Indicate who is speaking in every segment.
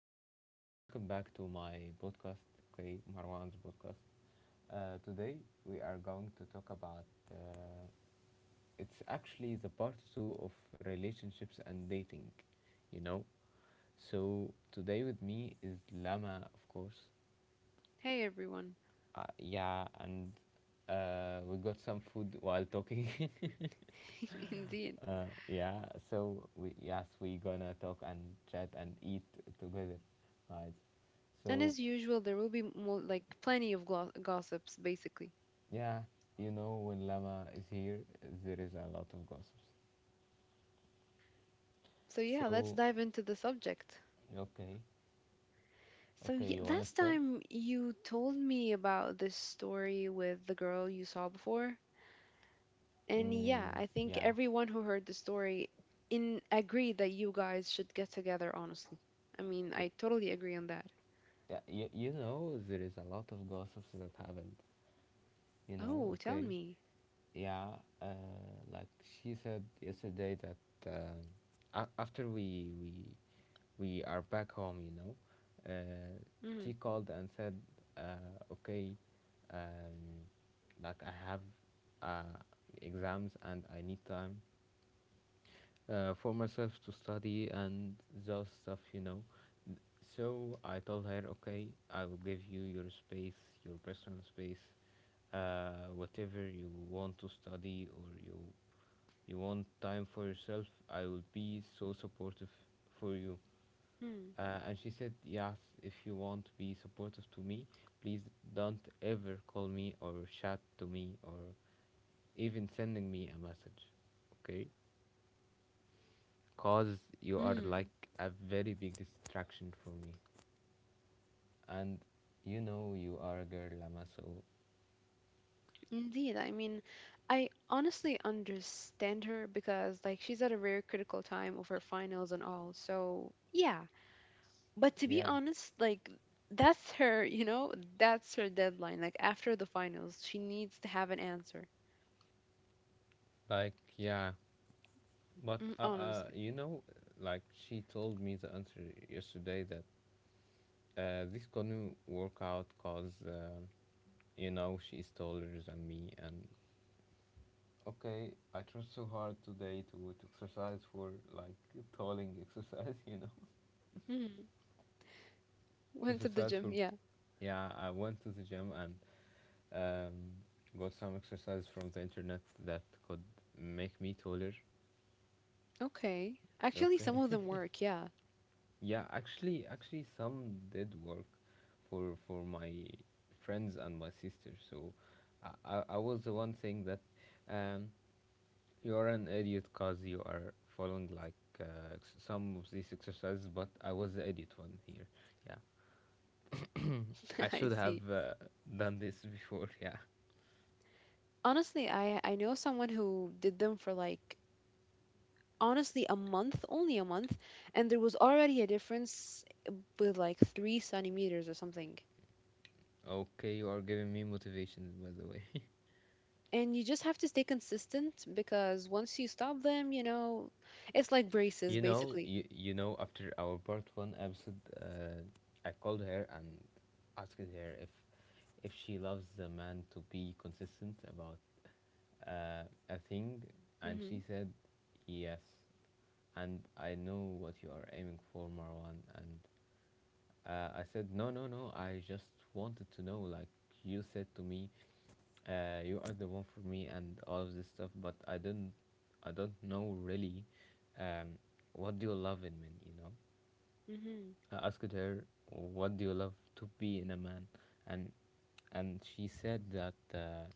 Speaker 1: and welcome back to my podcast. Okay, Marwan's podcast. Today we are going to talk about. Uh, it's actually the part two of relationships and dating. You know. So today with me is Lama, of course.
Speaker 2: Hey everyone.
Speaker 1: Yeah, and we got some food while talking.
Speaker 2: Indeed.
Speaker 1: Yeah, so we gonna talk and chat and eat together, guys.
Speaker 2: And
Speaker 1: So
Speaker 2: as usual, there will be more, like plenty of gossips basically.
Speaker 1: yeah, you know when Lama is here, there is a lot of gossips.
Speaker 2: So yeah, let's
Speaker 1: So
Speaker 2: dive into the subject.
Speaker 1: okay,
Speaker 2: So
Speaker 1: okay,
Speaker 2: yeah,
Speaker 1: you wanna
Speaker 2: last
Speaker 1: start?
Speaker 2: time you told me about this story with the girl you saw before. And yeah,
Speaker 1: Mm,
Speaker 2: I think
Speaker 1: yeah,
Speaker 2: everyone who heard the story in agreed that you guys should get together honestly. I mean,
Speaker 1: y-
Speaker 2: I totally agree on that.
Speaker 1: yeah, you know there is a lot of gossips that happened. You know,
Speaker 2: Oh, tell
Speaker 1: okay,
Speaker 2: me.
Speaker 1: yeah, like she said yesterday that after we we are back home, you know. Uh, she
Speaker 2: Mm-hmm.
Speaker 1: called and said, uh, okay, um, like I have uh, exams and I need time for myself to study and those stuff, you know. So I told her, okay, I will give you your space, your personal space, whatever you want to study or you want time for yourself. I will be so supportive for you. And she said, yes, if you want to be supportive to me, please don't ever call me or chat to me or even sending me a message. Okay? Because you are
Speaker 2: Mm-hmm.
Speaker 1: like a very big distraction for me. And you know you are a girl, Lama, so
Speaker 2: Indeed, I mean, I honestly understand her because, like, she's at a very critical time of her finals and all. So, yeah. But to be
Speaker 1: yeah.
Speaker 2: honest, like, that's her, that's her deadline. Like, after the finals, she needs to have an answer.
Speaker 1: Like, yeah. But,
Speaker 2: Mm, honestly.
Speaker 1: you know, like she told me the answer yesterday that this gonna work out because, you know, she is taller than me. And okay, I tried so hard today to exercise for like tolling exercise, you know.
Speaker 2: Mm. Went to the
Speaker 1: Exercise
Speaker 2: gym,
Speaker 1: for
Speaker 2: yeah.
Speaker 1: yeah, I went to the gym and got some exercise from the internet that could make me taller.
Speaker 2: Okay. Actually, some
Speaker 1: Okay,
Speaker 2: of them work, yeah.
Speaker 1: yeah, actually, some did work for my friends and my sister. So I was the one saying that. Um, You're an idiot because you are following like some of these exercises, but I was the idiot one here. Yeah, I
Speaker 2: I
Speaker 1: should
Speaker 2: see.
Speaker 1: have done this before. Yeah.
Speaker 2: Honestly, I know someone who did them for like honestly a month, only a month, and there was already a difference with like 3 centimeters or something.
Speaker 1: Okay, you are giving me motivations, by the way.
Speaker 2: And you just have to stay consistent because once you stop them, it's like braces basically.
Speaker 1: You know, after our part one episode, I called her and asked her if she loves the man to be consistent about a thing, and she
Speaker 2: Hmm.
Speaker 1: said yes. And I know what you are aiming for, Marwan, and I said, no, no, no. I just wanted to know. Like you said to me, you are the one for me and all of this stuff. But I don't know really. Um, what do you love in men? You know,
Speaker 2: Hmm.
Speaker 1: I asked her, what do you love to be in a man? And she said that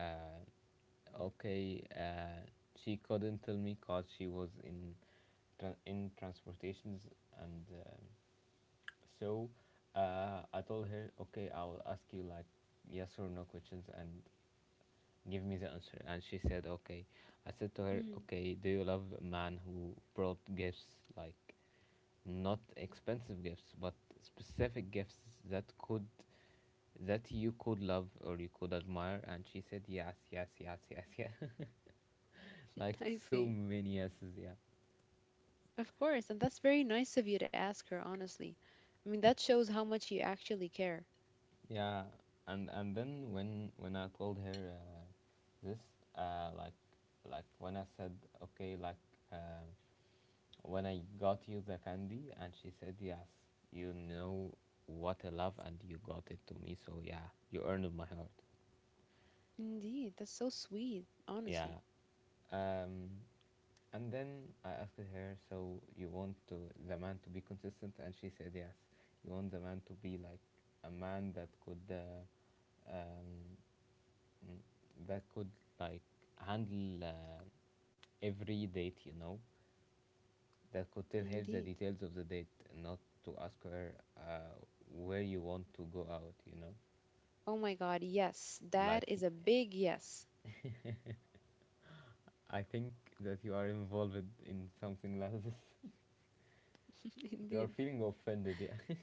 Speaker 1: uh, okay, she couldn't tell me cause she was in in transportations and. So I told her, okay, I will ask you like yes or no questions and give me the answer. And she said, okay. I said to her,
Speaker 2: Hmm.
Speaker 1: okay, do you love a man who brought gifts, like not expensive gifts, but specific gifts that could that you could love or you could admire? And she said, yes, yes, yes, yes, yeah. like
Speaker 2: I
Speaker 1: so
Speaker 2: see.
Speaker 1: many yeses, yeah.
Speaker 2: Of course, and that's very nice of you to ask her, honestly. I mean, that shows how much you actually care.
Speaker 1: Yeah, and then when I told her uh, this uh, like like when I said okay, like uh, when I got you the candy, and she said yes, you know what I love and you got it to me, so yeah, you earned my heart.
Speaker 2: Indeed, that's so sweet,
Speaker 1: Yeah,
Speaker 2: honestly.
Speaker 1: um, and then I asked her, so you want to the man to be consistent, and she said yes. You want the man to be like a man that could mm, that could like handle every date, you know, that could tell her the
Speaker 2: Indeed.
Speaker 1: details of the date, not to ask her where you want to go out, you know.
Speaker 2: Oh my God, yes, that
Speaker 1: Like,
Speaker 2: is a big yes.
Speaker 1: I think that you are involved in something like this. you are
Speaker 2: Indeed.
Speaker 1: feeling offended, yeah.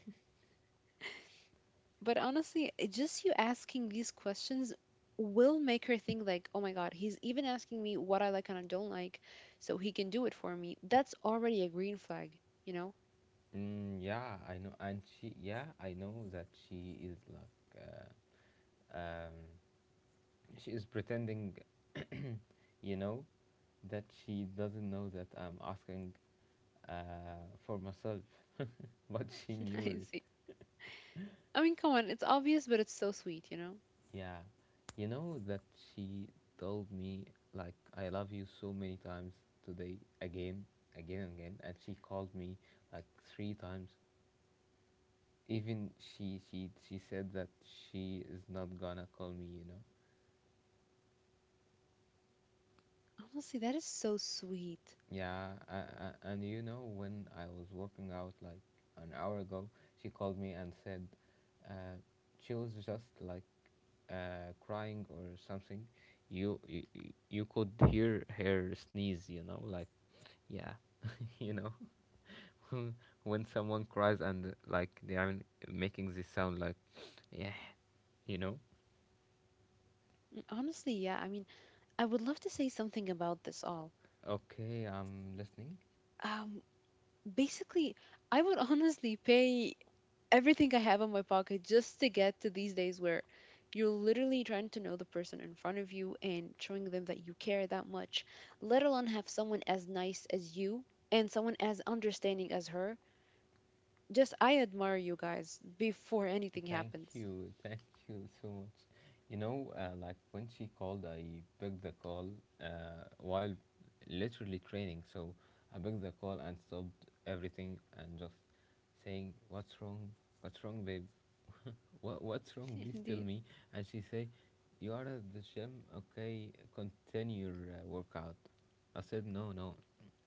Speaker 2: But honestly, it just you asking these questions will make her think like, "Oh my god, he's even asking me what I like and I don't like, so he can do it for me." That's already a green flag, you know?
Speaker 1: mm, yeah, I know, and yeah, I know that she is like, she is pretending, you know, that she doesn't know that I'm asking for myself, but she knew
Speaker 2: I see.
Speaker 1: it.
Speaker 2: I mean, come on, it's obvious, but it's so sweet, you know?
Speaker 1: Yeah, you know that she told me like I love you so many times today, again, again, and again, and she called me like three times. Even she said that she is not gonna call me, you know.
Speaker 2: Honestly, that is so sweet.
Speaker 1: Yeah, and you know, when I was working out like an hour ago, she called me and said uh, she was just like crying or something. You, you you could hear her sneeze, you know, like yeah, you know, when someone cries and like they are making this sound like yeah, you know.
Speaker 2: And honestly, yeah, I mean, I would love to say something about this all.
Speaker 1: Okay, I'm listening.
Speaker 2: Um, Basically, I would honestly pay everything I have in my pocket just to get to these days where you're literally trying to know the person in front of you and showing them that you care that much, let alone have someone as nice as you and someone as understanding as her. Just, I admire you guys before anything happens.
Speaker 1: Thank you so much. You know, like when she called, I picked the call while literally training. So I picked the call and stopped everything and just saying, "What's wrong? What's wrong, babe? What's wrong? Please tell
Speaker 2: Indeed.
Speaker 1: me." And she say, "You are at the gym, okay? Continue your workout." I said, "No, no,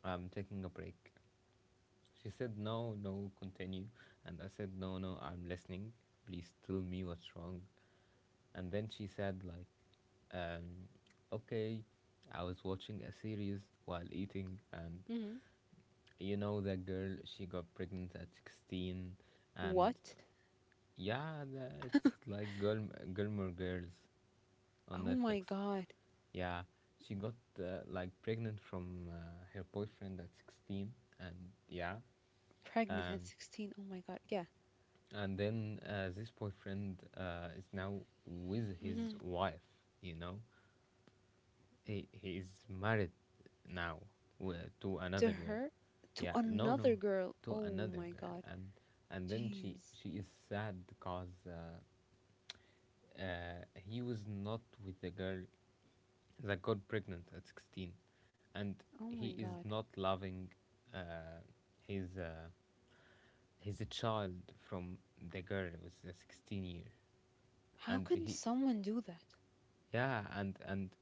Speaker 1: I'm taking a break." She said, no, no, continue. And I said, no, no, I'm listening. Please tell me what's wrong. And then she said, like, um, okay, I was watching a series while eating, and
Speaker 2: Hmm.
Speaker 1: you know, that girl, she got pregnant at 16, and
Speaker 2: What?
Speaker 1: yeah, it's like Gilmore Girls
Speaker 2: Oh
Speaker 1: on
Speaker 2: my
Speaker 1: Netflix.
Speaker 2: God.
Speaker 1: Yeah, she got like pregnant from her boyfriend at 16, and yeah,
Speaker 2: Pregnant at
Speaker 1: um,
Speaker 2: 16. Oh my God. Yeah.
Speaker 1: and then this boyfriend is now with his
Speaker 2: Hmm.
Speaker 1: wife. You know, he is married now to
Speaker 2: To
Speaker 1: another girl.
Speaker 2: her? To
Speaker 1: Yeah no
Speaker 2: another
Speaker 1: no
Speaker 2: girl.
Speaker 1: To
Speaker 2: Oh
Speaker 1: another
Speaker 2: my
Speaker 1: girl.
Speaker 2: God.
Speaker 1: And then
Speaker 2: Jeez.
Speaker 1: she is sad because he was not with the girl that got pregnant at 16, and
Speaker 2: Oh my
Speaker 1: he is
Speaker 2: God.
Speaker 1: not loving uh, his uh, his child from the girl who was 16 year.
Speaker 2: How
Speaker 1: And
Speaker 2: can
Speaker 1: he
Speaker 2: someone do that?
Speaker 1: yeah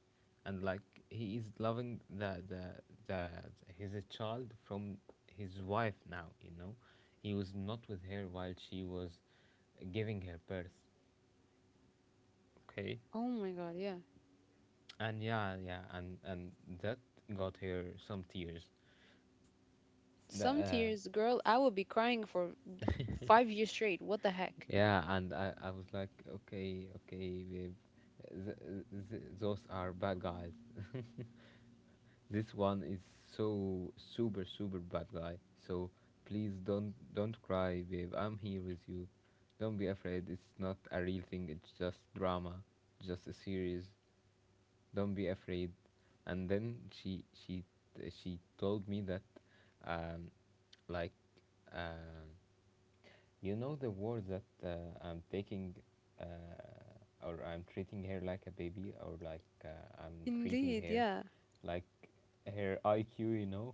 Speaker 1: and like he is loving the his child from his wife now, you know. He was not with her while she was giving her birth, okay.
Speaker 2: Oh my god, yeah.
Speaker 1: And yeah yeah and and that got her some tears. the,
Speaker 2: Some
Speaker 1: uh,
Speaker 2: tears, girl, I would be crying for 5 years straight. What the heck?
Speaker 1: yeah, and I was like, okay, okay, babe, those are bad guys. This one is so super bad guy. So please don't cry, babe. I'm here with you. Don't be afraid. It's not a real thing. It's just drama, just a series. Don't be afraid. And then she told me that, um, like, um you know the word, that I'm taking, or I'm treating her like a baby, or like I'm treating
Speaker 2: Indeed,
Speaker 1: her
Speaker 2: yeah.
Speaker 1: like her IQ, you know?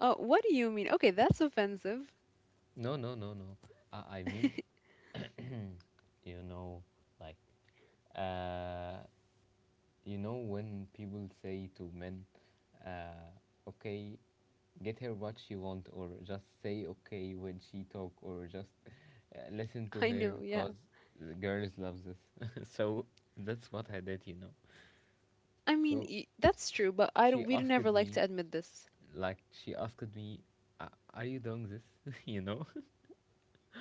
Speaker 2: Oh, what do you mean? Okay, that's offensive.
Speaker 1: no, no, no, no. I mean, you know, like, uh, you know, when people say to men, uh, okay, get her what she want, or just say okay when she talk, or just listen to
Speaker 2: I
Speaker 1: her,
Speaker 2: know, yeah.
Speaker 1: cause the girls love this. so that's what I did, you know.
Speaker 2: I mean,
Speaker 1: So
Speaker 2: that's true, but I
Speaker 1: she
Speaker 2: don't, we'd never
Speaker 1: asked
Speaker 2: like
Speaker 1: me,
Speaker 2: to admit this.
Speaker 1: she asked me, are you doing this?" you know,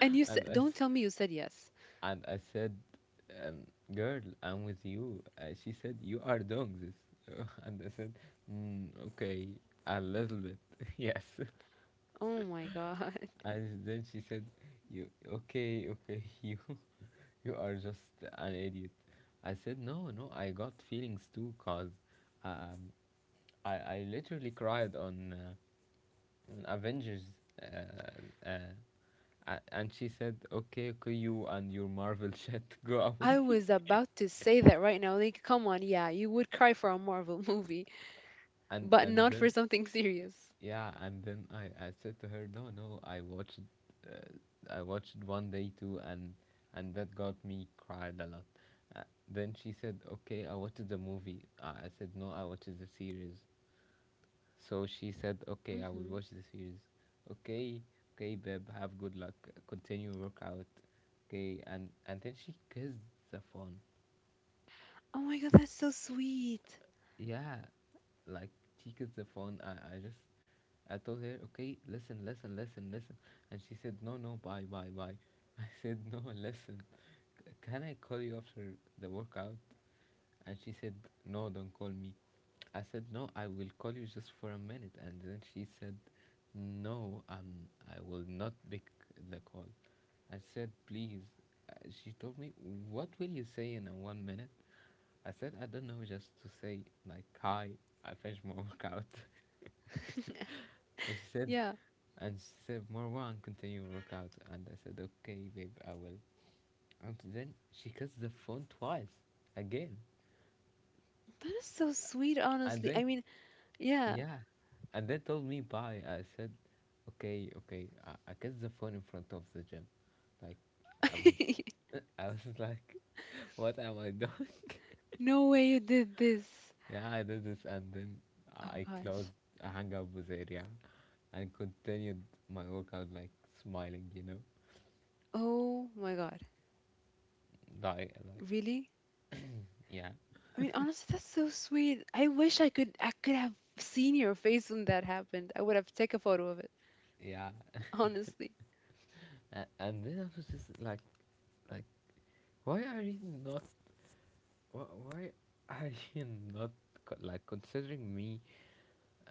Speaker 2: And you said,
Speaker 1: and I,
Speaker 2: don't
Speaker 1: s-
Speaker 2: tell me you said yes.
Speaker 1: and I said, um, girl, I'm with you. She said, you are doing this. and I said, mm, okay, a little bit. yes.
Speaker 2: Oh my god.
Speaker 1: And then she said, okay, okay, you are just an idiot. I said, no, no, I got feelings too, cause um, I literally cried on Avengers. Uh, uh, and she said, "Okay, okay, you and your Marvel shit, go
Speaker 2: I
Speaker 1: away."
Speaker 2: was about to say that right now. Like, come on, yeah, you would cry for a Marvel movie, but
Speaker 1: And
Speaker 2: not for
Speaker 1: then
Speaker 2: something serious.
Speaker 1: Yeah, and then I said to her, no, no, I watched uh, I watched one day too, and that got me cried a lot. uh, then she said, okay, I watched the movie. I said, no, I watched the series. So she said, okay, I will
Speaker 2: Hmm.
Speaker 1: watch the series. Okay, okay, babe, have good luck, continue workout. Okay. And then she kissed the phone.
Speaker 2: Oh my god, that's so sweet.
Speaker 1: Yeah, like she gets the phone. I just, I told her, okay, listen, listen, listen, listen. And she said, no, no, bye, bye, bye. I said, no, listen, can I call you after the workout? And she said, no, don't call me. I said, no, I will call you just for a minute. And then she said, no, um, I will not pick the call. I said, please. She told me, what will you say in a 1 minute? I said, I don't know, just to say, like, hi, I finished my workout. and she said,
Speaker 2: Yeah.
Speaker 1: and she said, Marwan, continue your workout. And I said, okay, babe, I will. And then she kissed the phone twice, again.
Speaker 2: That is so sweet,
Speaker 1: And
Speaker 2: honestly.
Speaker 1: then,
Speaker 2: I mean, yeah.
Speaker 1: yeah. And then told me bye. I said, okay, okay. I kissed the phone in front of the gym. Like, I was, I was like, what am I doing?
Speaker 2: No way you did this.
Speaker 1: Yeah, I did this. And then
Speaker 2: Oh
Speaker 1: I closed,
Speaker 2: gosh.
Speaker 1: I hung up with Aria, and continued my workout like smiling,
Speaker 2: Oh my god.
Speaker 1: like
Speaker 2: Really?
Speaker 1: yeah,
Speaker 2: I mean, honestly, that's so sweet. I wish I could have seen your face when that happened. I would have take a photo of it,
Speaker 1: yeah.
Speaker 2: honestly.
Speaker 1: And then I was just like like why are you not, why are you not, like, considering me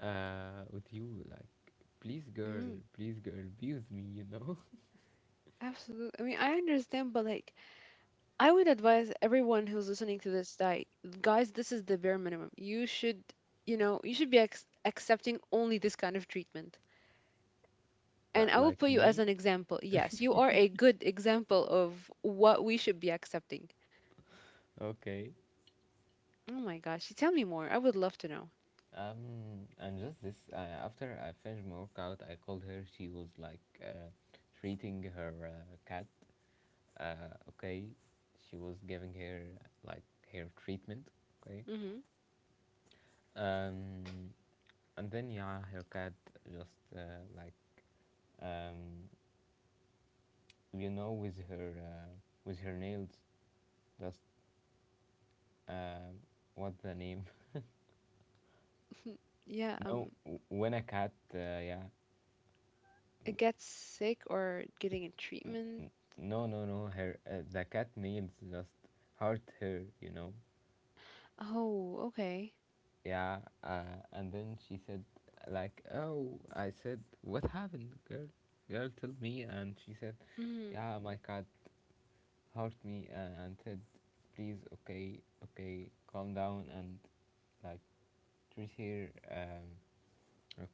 Speaker 1: with you, like, please girl,
Speaker 2: Mm,
Speaker 1: please girl, be with me.
Speaker 2: absolutely. I mean, I understand, but like, I would advise everyone who's listening to this that, guys, this is the bare minimum. You should be ex accepting only this kind of treatment. And
Speaker 1: like
Speaker 2: I will
Speaker 1: like
Speaker 2: put you as
Speaker 1: me.
Speaker 2: an example. Yes, you are a good example of what we should be accepting.
Speaker 1: Okay.
Speaker 2: Oh my gosh, tell me more. I would love to know.
Speaker 1: And just this, after I finished my workout, I called her. She was like, treating her, cat, okay, she was giving her, like, hair treatment. Okay.
Speaker 2: Hmm.
Speaker 1: um and then, yeah, her cat just, like, um with her, uh, with her nails, just, uh, what's the name?
Speaker 2: Yeah,
Speaker 1: No, when a cat, yeah.
Speaker 2: it gets sick or getting a treatment.
Speaker 1: No, no, no, her, the cat nails just hurt her.
Speaker 2: Oh, okay.
Speaker 1: Yeah, and then she said, like, oh. I said, what happened, girl? Girl, tell me. And she said,
Speaker 2: Mm-hmm.
Speaker 1: yeah, my cat hurt me, and said, please, okay, okay, calm down and, like, treat her,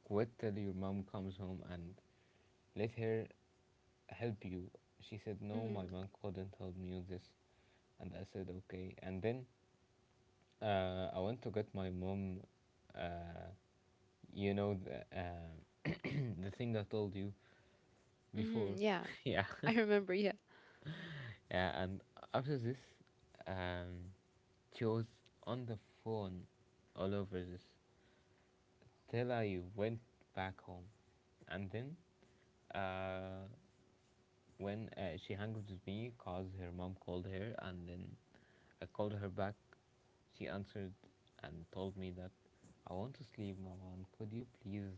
Speaker 1: quit till your mom comes home and let her help you. She said, no,
Speaker 2: Mm-hmm.
Speaker 1: my mom couldn't help me with this. And I said, okay. And then, I went to get my mom. Uh, you know the, the thing I told you
Speaker 2: Mm-hmm.
Speaker 1: before.
Speaker 2: Yeah,
Speaker 1: Yeah.
Speaker 2: I remember. Yeah.
Speaker 1: Yeah, and after this, um, she was on the phone all over this till I went back home. And then, uh, when, she hung up with me cause her mom called her. And then I called her back. She answered and told me that, I want to sleep, Marwan. Could you please,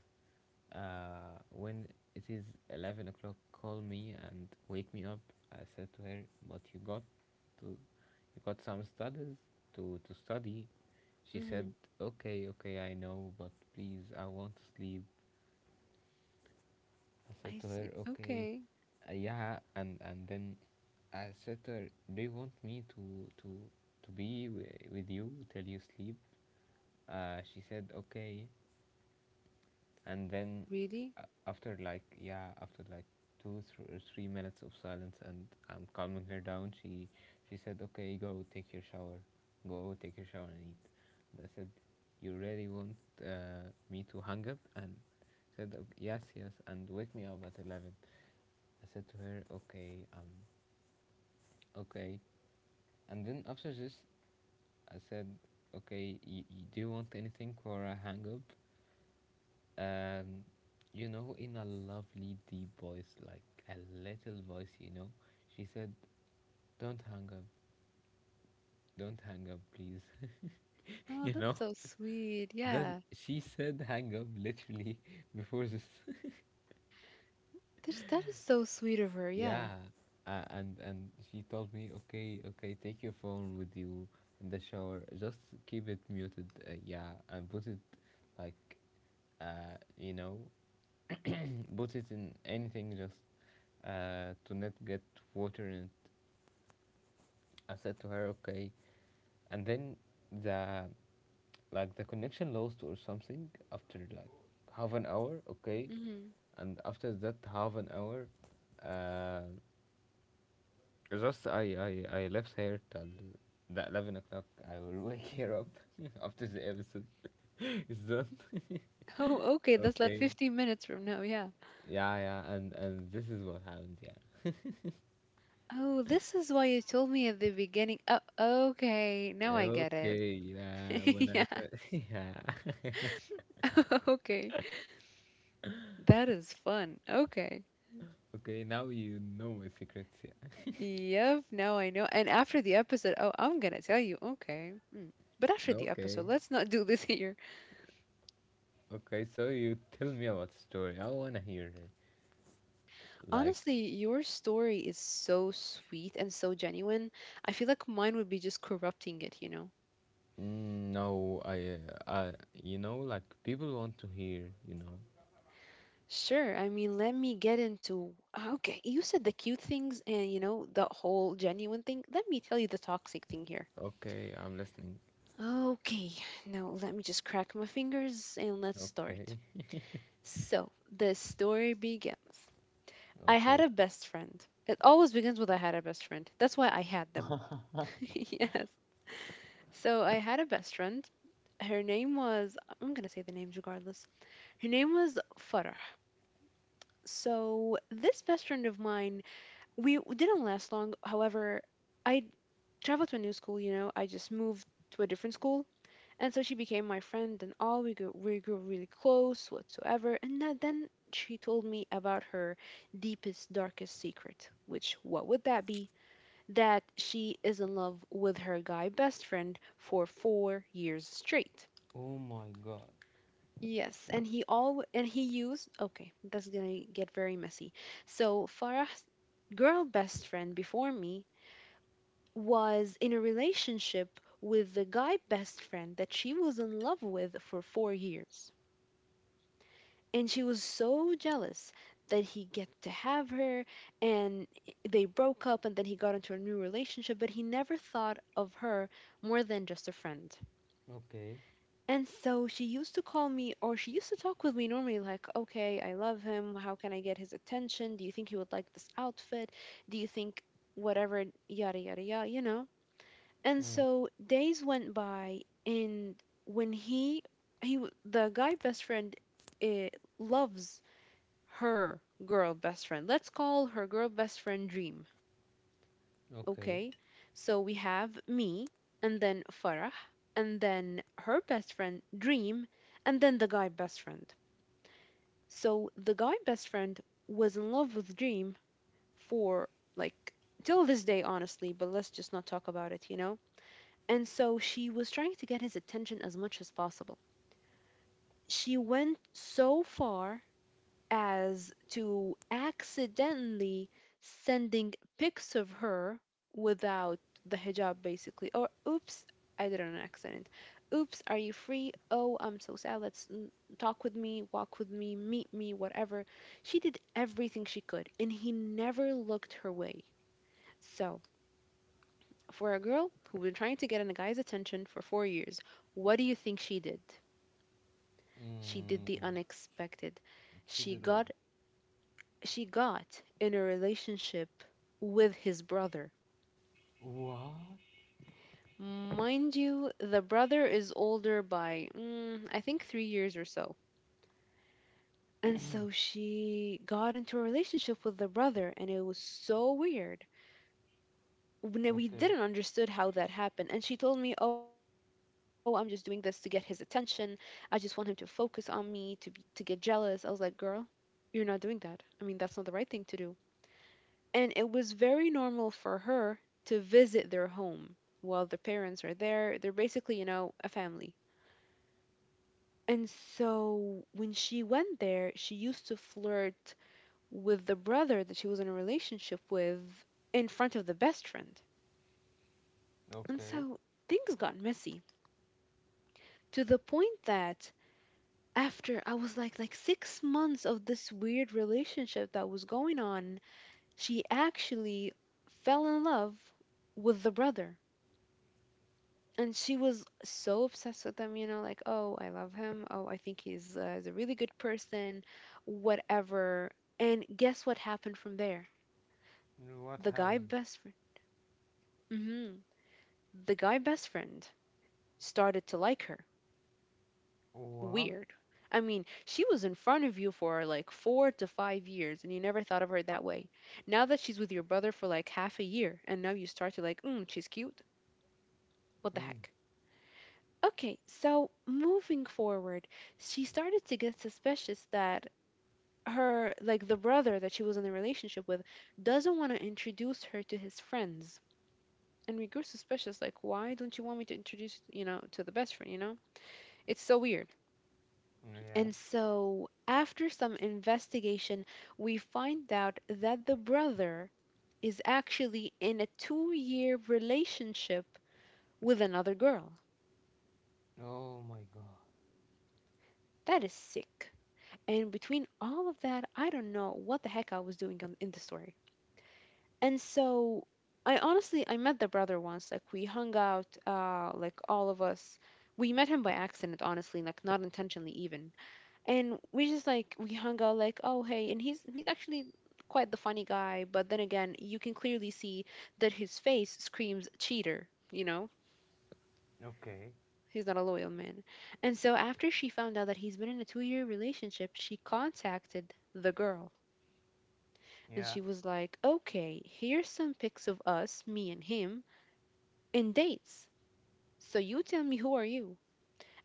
Speaker 1: when it is 11 o'clock, call me and wake me up? I said to her, but you got some studies to study. She
Speaker 2: Mm-hmm.
Speaker 1: said, okay, okay, I know, but please, I want to sleep. I said
Speaker 2: I
Speaker 1: to
Speaker 2: see.
Speaker 1: her, okay,
Speaker 2: Okay.
Speaker 1: yeah, and then I said to her, do you want me to be wi with you till you sleep? She said, okay. And then,
Speaker 2: Really?
Speaker 1: after like, yeah, after like, two or three minutes of silence, and I'm calming her down, she said, okay, go take your shower, go take your shower and eat. And I said, you really want, me to hang up, and said, yes, yes, and wake me up at 11. I said to her, okay, okay. And then after this, I said, okay, do you want anything for a hang up? Um, you know, in a lovely deep voice, like a little voice, she said, don't hang up, don't hang up, please.
Speaker 2: Oh,
Speaker 1: You know,
Speaker 2: that's so sweet.
Speaker 1: that
Speaker 2: Yeah.
Speaker 1: she said hang up literally before this.
Speaker 2: That is so sweet of her. Yeah.
Speaker 1: Yeah, and she told me, okay, okay, take your phone with you in the shower. Just keep it muted. Yeah, and put it, like, uh, you know, put it in anything, just, to not get water in it. I said to her, okay. And then the connection lost or something after like half an hour. Okay.
Speaker 2: Mm-hmm.
Speaker 1: And after that half an hour, uh, just I left here till the 11 o'clock. I will wake here up after the episode is done.
Speaker 2: Oh, okay. That's like
Speaker 1: Okay.
Speaker 2: 15 minutes from now. Yeah.
Speaker 1: Yeah, yeah, and this is what happened. Yeah.
Speaker 2: Oh, this is why you told me at the beginning. Oh, okay. Now I get it.
Speaker 1: Okay. Yeah. When I
Speaker 2: Yeah.
Speaker 1: thought. Yeah.
Speaker 2: Okay. That is fun. Okay.
Speaker 1: Okay. Now you know my secrets. Yeah.
Speaker 2: Yep. Now I know. And after the episode, oh, I'm gonna tell you. Okay. Mm. But after the episode,
Speaker 1: Okay.
Speaker 2: let's not do this here.
Speaker 1: Okay. So you tell me about the story. I wanna hear it. Like.
Speaker 2: Honestly, your story is so sweet and so genuine. I feel like mine would be just corrupting it, you know?
Speaker 1: No, I, like, people want to hear.
Speaker 2: Sure. I mean, let me get into. Okay, you said the cute things and, you know, the whole genuine thing. Let me tell you the toxic thing here.
Speaker 1: Okay, I'm listening.
Speaker 2: Okay, now let me just crack my fingers and let's start.
Speaker 1: Okay,
Speaker 2: So, the story begins. I
Speaker 1: okay.
Speaker 2: had a best friend. It always begins with I had a best friend. That's why I had them. Yes. So, I had a best friend. Her name was, I'm going to say the names regardless. Her name was Farah. So, this best friend of mine didn't last long. However, I traveled to a new school. You know, I just moved to a different school, and so she became my friend and all. We grew really close whatsoever. And then she told me about her deepest, darkest secret. Which, what would that be? That she is in love with her guy best friend for 4 years straight.
Speaker 1: Oh my God.
Speaker 2: Yes, and he used, okay, that's gonna get very messy. So Farah's girl best friend before me was in a relationship with the guy best friend that she was in love with for 4 years. And she was so jealous that he get to have her, and they broke up, and then he got into a new relationship, but he never thought of her more than just a friend.
Speaker 1: Okay.
Speaker 2: And so she used to call me, or she used to talk with me normally, like, okay, I love him. How can I get his attention? Do you think he would like this outfit? Do you think whatever, yada, yada, yada, you know? And
Speaker 1: Mm,
Speaker 2: so days went by, and when the guy best friend, eh, loves her girl best friend. Let's call her girl best friend Dream.
Speaker 1: okay.
Speaker 2: Okay, so we have me, and then Farah, and then her best friend Dream, and then the guy best friend. So the guy best friend was in love with Dream for like till this day, honestly. But let's just not talk about it. And so she was trying to get his attention as much as possible. She went so far as to accidentally sending pics of her without the hijab, basically. Or, oops, I did an accident. Oops, are you free? Oh, I'm so sad. Let's talk with me, walk with me, meet me, whatever. She did everything she could, and he never looked her way. So. For a girl who'd been trying to get in a guy's attention for 4 years, what do you think she did? She did
Speaker 1: Mm,
Speaker 2: the unexpected.
Speaker 1: she
Speaker 2: She
Speaker 1: did what?
Speaker 2: got she got in a relationship with his brother.
Speaker 1: What?
Speaker 2: Mind you, the brother is older by I think 3 years or so. And so she got into a relationship with the brother, and it was so weird. When we
Speaker 1: Okay.
Speaker 2: didn't understood how that happened, and she told me, oh, I'm just doing this to get his attention. I just want him to focus on me, to get jealous. I was like, girl, you're not doing that. I mean, that's not the right thing to do. And it was very normal for her to visit their home while the parents are there. They're basically a family. And so when she went there, she used to flirt with the brother that she was in a relationship with in front of the best friend. And
Speaker 1: Okay.
Speaker 2: so things got messy to the point that after I was like 6 months of this weird relationship that was going on, she actually fell in love with the brother. And she was so obsessed with him, you know, like, oh, I love him. Oh, I think he's a really good person, whatever. And guess what happened from there?
Speaker 1: What
Speaker 2: The guy
Speaker 1: happened?
Speaker 2: best friend, hmm the guy best friend started to like her.
Speaker 1: What?
Speaker 2: Weird. I mean, she was in front of you for like 4 to 5 years, and you never thought of her that way. Now that she's with your brother for like half a year, and now you start to like, she's cute. What the
Speaker 1: Mm,
Speaker 2: heck? Okay, so moving forward, she started to get suspicious that her, like the brother that she was in a relationship with, doesn't want to introduce her to his friends. And we grew suspicious, like, why don't you want me to introduce to the best friend, you know? It's so weird.
Speaker 1: yeah.
Speaker 2: And so, after some investigation, we find out that the brother is actually in a 2 year relationship with another girl.
Speaker 1: Oh my God.
Speaker 2: That is sick. And between all of that, I don't know what the heck I was doing in the story. And so, I honestly, I met the brother once. Like, we hung out, like, all of us. We met him by accident, honestly, like, not intentionally, even and we just we hung out like, oh hey, and he's actually quite the funny guy. But then again, you can clearly see that his face screams cheater, you know.
Speaker 1: Okay.
Speaker 2: He's not a loyal man. And so after she found out that he's been in a 2 year relationship, she contacted the girl. And
Speaker 1: Yeah.
Speaker 2: she was like, okay, here's some pics of us, me and him, in dates. So you tell me who are you.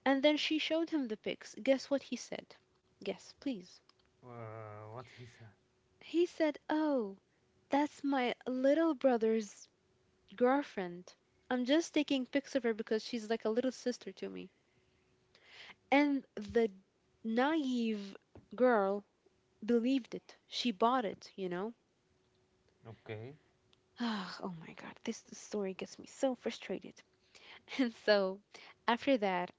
Speaker 2: And then she showed him the pics. Guess what he said. Guess, please.
Speaker 1: What he said?
Speaker 2: He said, oh, that's my little brother's girlfriend. I'm just taking pics of her because she's like a little sister to me. And the naive girl believed it. She bought it.
Speaker 1: Okay.
Speaker 2: Oh my god, this story gets me so frustrated. And so after that,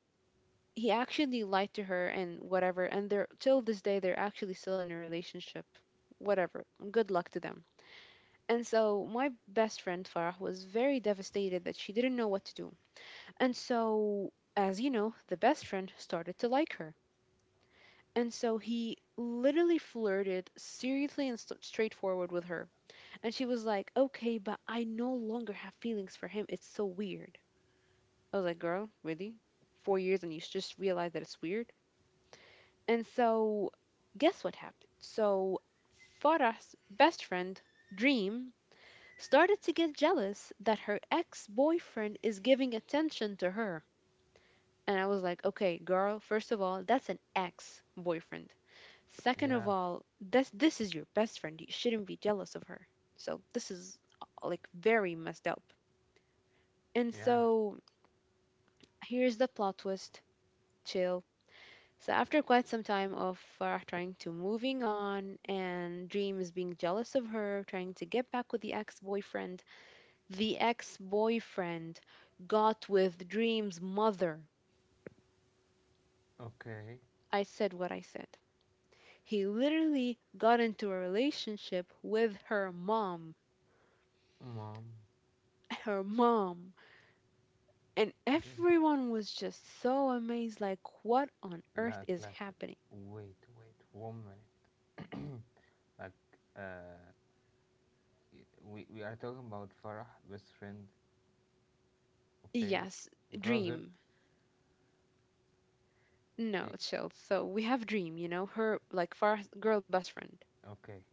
Speaker 2: he actually lied to her and whatever. And they're, till this day, they're actually still in a relationship. Whatever. Good luck to them. And so my best friend Farah was very devastated that she didn't know what to do. And so, as you know, the best friend started to like her. And so he literally flirted seriously and straightforward with her. And she was like, okay, but I no longer have feelings for him. It's so weird. I was like, girl, really? 4 years and you just realize that it's weird? And so, guess what happened? So, Farah's best friend, Dream, started to get jealous that her ex boyfriend is giving attention to her. And I was like, okay, girl, first of all, that's an ex boyfriend. Second of
Speaker 1: Yeah.
Speaker 2: all, this is your best friend. You shouldn't be jealous of her. So this is, like, very messed up. And
Speaker 1: Yeah.
Speaker 2: so here's the plot twist. Chill. So after quite some time of Farah trying to moving on and Dreams being jealous of her, trying to get back with the ex-boyfriend got with Dream's mother.
Speaker 1: Okay.
Speaker 2: I said what I said. He literally got into a relationship with her mom.
Speaker 1: Mom.
Speaker 2: Her mom. And
Speaker 1: Okay.
Speaker 2: everyone was just so amazed like, what on earth is
Speaker 1: Like,
Speaker 2: happening?
Speaker 1: wait, wait, one minute. Like, uh, we are talking about Farah, best friend, okay?
Speaker 2: Yes,
Speaker 1: Brother.
Speaker 2: Dream. No, chill. So we have Dream, you know, her like far girl best friend.
Speaker 1: Okay.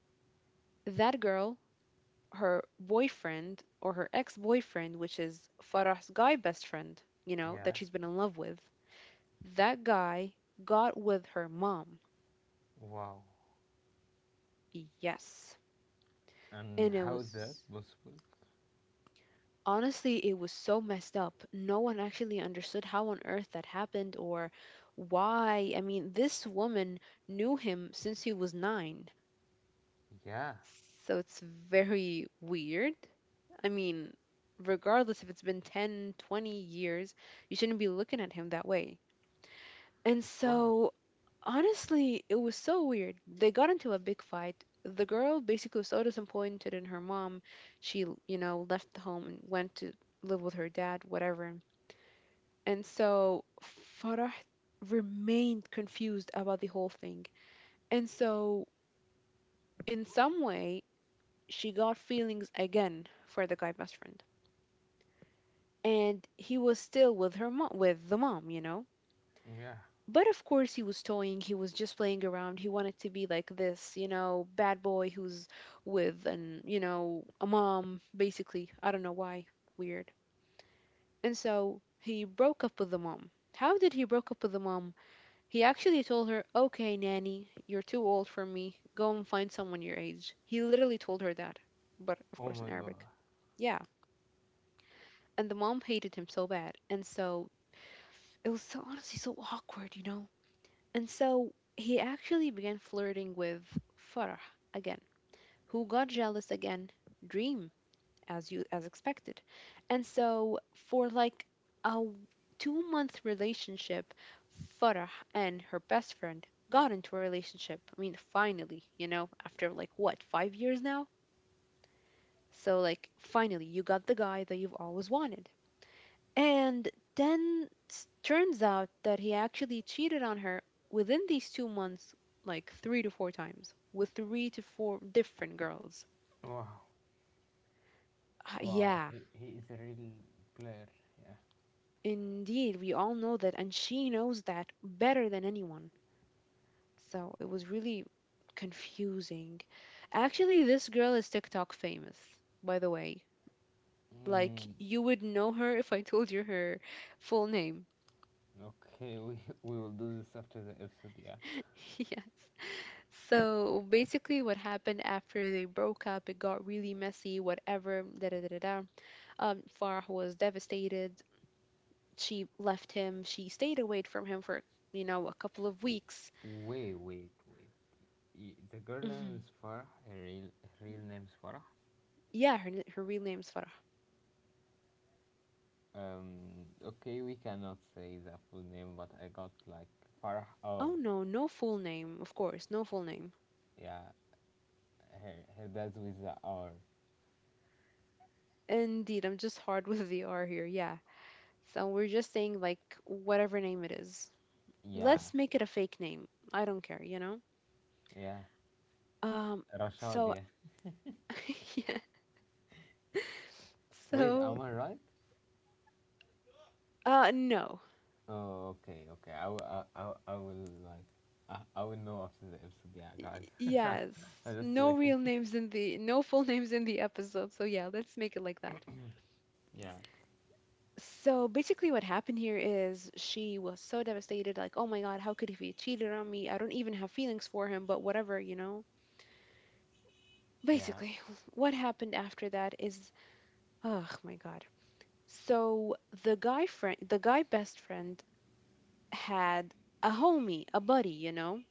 Speaker 2: That girl, her boyfriend or her ex-boyfriend, which is Farah's guy best friend, you know, that
Speaker 1: Yeah.
Speaker 2: she's been in love with. That guy got with her mom.
Speaker 1: Wow.
Speaker 2: Yes. And
Speaker 1: And
Speaker 2: it
Speaker 1: how is that
Speaker 2: was,
Speaker 1: possible?
Speaker 2: honestly, it was so messed up. No one actually understood how on earth that happened or why. I mean, this woman knew him since he was 9.
Speaker 1: Yeah.
Speaker 2: So it's very weird. I mean, regardless if it's been 10, 20 years, you shouldn't be looking at him that way. And
Speaker 1: Of course.
Speaker 2: so, honestly, it was so weird. They got into a big fight. The girl basically was so disappointed in her mom. She, you know, left the home and went to live with her dad, whatever. And so Farah remained confused about the whole thing. And so, in some way, she got feelings again for the guy best friend. And he was still with her mom, with the mom, you know?
Speaker 1: Yeah.
Speaker 2: But of course, he was toying, he was just playing around. He wanted to be like this, you know, bad boy who's with an, you know, a mom, basically. I don't know why. Weird. And so, he broke up with the mom. How did he broke up with the mom? He actually told her, okay, nanny, you're too old for me. Go and find someone your age. He literally told her that, but of
Speaker 1: Oh
Speaker 2: course in
Speaker 1: my god.
Speaker 2: Arabic. Yeah. And the mom hated him so bad. And so it was so, honestly, so awkward, you know? And so he actually began flirting with Farah again, who got jealous again. Dream, as you, as expected. And so for like a w- 2 month relationship, Farah and her best friend got into a relationship. I mean, finally, you know, after like what, 5 years now? So like finally you got the guy that you've always wanted. And then turns out that he actually cheated on her within these 2 months like 3 to 4 times with 3 to 4 different girls.
Speaker 1: Wow. Wow.
Speaker 2: Yeah.
Speaker 1: He is a real player. Yeah.
Speaker 2: Indeed, we all know that, and she knows that better than anyone. So it was really confusing. Actually, this girl is TikTok famous, by the way. Like,
Speaker 1: Mm,
Speaker 2: you would know her if I told you her full name.
Speaker 1: okay. We we will do this after the episode. Yeah.
Speaker 2: Yes. So basically, what happened after they broke up, it got really messy, whatever, da da da da da. Farah was devastated. She left him. She stayed away from him for, you know, a couple of
Speaker 1: W-
Speaker 2: weeks.
Speaker 1: Wait. Wait. Wait. The girl name
Speaker 2: Hmm.
Speaker 1: is Farah. Her real name is Farah.
Speaker 2: Yeah, her her real name's Farah.
Speaker 1: Okay. We cannot say the full name, but I got like Farah R.
Speaker 2: Oh no, no full name, of course, no full name.
Speaker 1: Yeah. Her dad's with the R.
Speaker 2: Indeed, I'm just hard with the R here. Yeah. So we're just saying like whatever name it is.
Speaker 1: Yeah,
Speaker 2: Let's make it a fake name. I don't care, you know?
Speaker 1: yeah.
Speaker 2: Um,
Speaker 1: Rashad,
Speaker 2: so
Speaker 1: yeah.
Speaker 2: yeah.
Speaker 1: Wait,
Speaker 2: So,
Speaker 1: am I right?
Speaker 2: uh, no.
Speaker 1: Oh, okay, okay. I will know after the episode. Yeah,
Speaker 2: Y-
Speaker 1: guys.
Speaker 2: Yes.
Speaker 1: I'm just
Speaker 2: No
Speaker 1: waiting.
Speaker 2: real names in the no full names in the episode. So yeah, let's make it like that.
Speaker 1: Yeah.
Speaker 2: So basically, what happened here is she was so devastated, like, oh my God, how could he have cheated on me? I don't even have feelings for him, but whatever, you know?
Speaker 1: Yeah.
Speaker 2: Basically, what happened after that is, oh my God. So the guy friend, the guy best friend had a homie, a buddy, you know?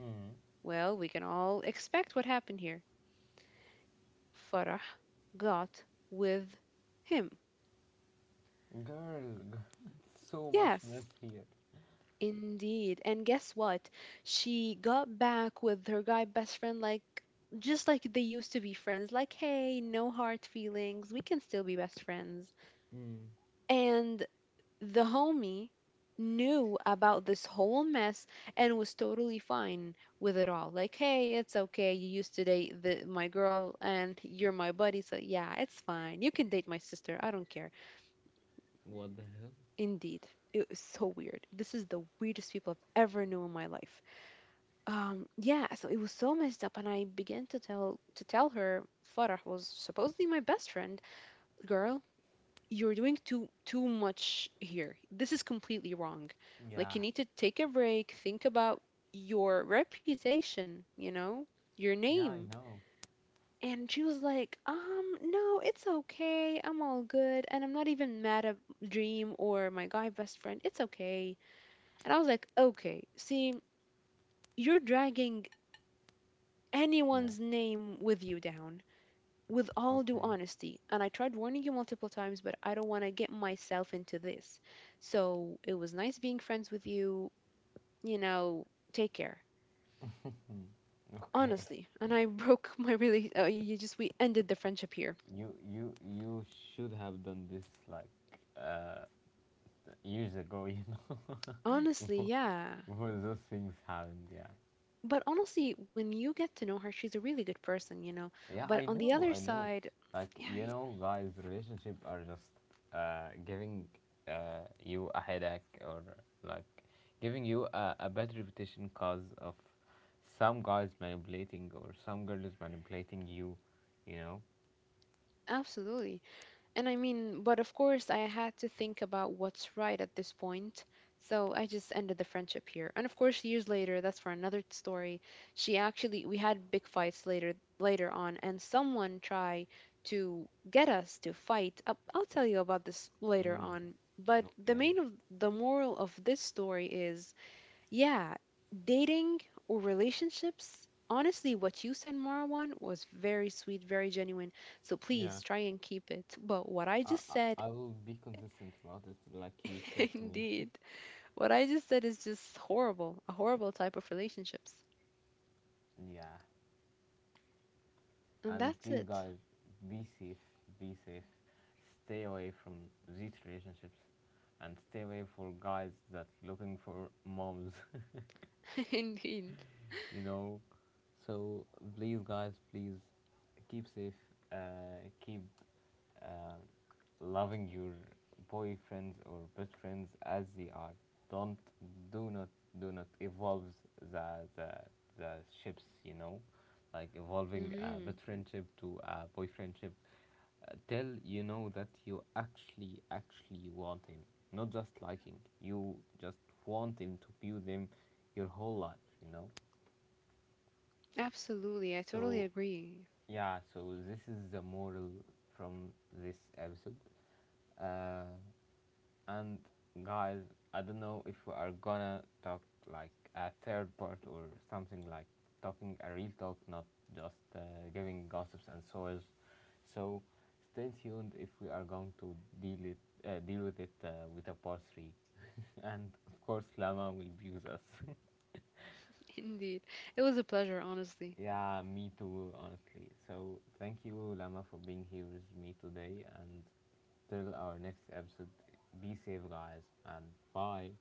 Speaker 1: Mm.
Speaker 2: Well, we can all expect what happened here. Farah got with him.
Speaker 1: Girl, girl, so much
Speaker 2: Yes.
Speaker 1: mess here.
Speaker 2: Indeed. And guess what? She got back with her guy best friend like just like they used to be friends. Like, hey, no hard feelings. We can still be best friends.
Speaker 1: Mm.
Speaker 2: And the homie knew about this whole mess and was totally fine with it all. Like, hey, it's okay. You used to date the, my girl and you're my buddy. So, yeah, it's fine. You can date my sister. I don't care.
Speaker 1: What the hell?
Speaker 2: Indeed. It was so weird. This is the weirdest people I've ever known in my life. Yeah, so it was so messed up, and I began to tell her Farah was supposedly my best friend. Girl, you're doing too much here. This is completely wrong. Like
Speaker 1: Yeah,
Speaker 2: you need to take a break, think about your reputation, you know, your
Speaker 1: yeah, I
Speaker 2: name.
Speaker 1: know.
Speaker 2: And she was like, no, it's okay. I'm all good, and I'm not even mad at Dream or my guy best friend. It's okay. And I was like, okay, see, you're dragging
Speaker 1: Yeah.
Speaker 2: anyone's name with you down, with all due
Speaker 1: Okay.
Speaker 2: honesty. And I tried warning you multiple times, but I don't want to get myself into this. So it was nice being friends with you. You know, take care.
Speaker 1: Okay.
Speaker 2: Honestly. And I broke my really, you just, we ended the friendship here.
Speaker 1: You should have done this, like, uh, years ago,
Speaker 2: Honestly,
Speaker 1: before,
Speaker 2: yeah.
Speaker 1: before those things happened. Yeah,
Speaker 2: But honestly, when you get to know her, she's a really good person, you know.
Speaker 1: yeah,
Speaker 2: But
Speaker 1: I
Speaker 2: on the
Speaker 1: know,
Speaker 2: other
Speaker 1: I know.
Speaker 2: side,
Speaker 1: Like,
Speaker 2: yeah,
Speaker 1: you know, guys, relationship are just, giving, you a headache, or like giving you a bad reputation cause of some guys manipulating or some girls manipulating you. You know.
Speaker 2: absolutely. And I mean, but of course, I had to think about what's right at this point. So I just ended the friendship here. And of course, years later, that's for another story. She actually, we had big fights later on, and someone tried to get us to fight. I'll tell you about this later
Speaker 1: Mm,
Speaker 2: on. But the main
Speaker 1: okay.
Speaker 2: of the moral of this story is, yeah, dating or relationships. Honestly, what you said, Marwan, was very sweet, very genuine. So please
Speaker 1: Yeah.
Speaker 2: try and keep it. But what I
Speaker 1: I,
Speaker 2: just
Speaker 1: I
Speaker 2: said,
Speaker 1: I will be consistent about it, like you said to me.
Speaker 2: indeed, what I just said is just horrible, a horrible type of relationships.
Speaker 1: Yeah.
Speaker 2: And
Speaker 1: And
Speaker 2: that's
Speaker 1: please,
Speaker 2: it.
Speaker 1: guys, be safe, be safe. Stay away from these relationships and stay away for guys that looking for moms.
Speaker 2: Indeed.
Speaker 1: You know. So please, guys, please keep safe. Keep uh, loving your boyfriends or best friends as they are. Don't do not do not evolve the the the ships. You know, like evolving a
Speaker 2: Hmm.
Speaker 1: best friendship to a boyfriendship. Till you know that you actually want him, not just liking. You just want him to be with him your whole life. You know.
Speaker 2: Absolutely. I totally
Speaker 1: So,
Speaker 2: agree.
Speaker 1: yeah, so this is the moral from this episode. Uh, and guys, I don't know if we are gonna talk like a third part or something, like talking a real talk, not just, giving gossips and soils. So, stay tuned if we are going to deal it deal with it, with a part three. And of course, Lama will be with us.
Speaker 2: Indeed. It was a pleasure, honestly.
Speaker 1: Yeah, me too, honestly. So, thank you, Lama, for being here with me today. And till our next episode, be safe, guys, and bye.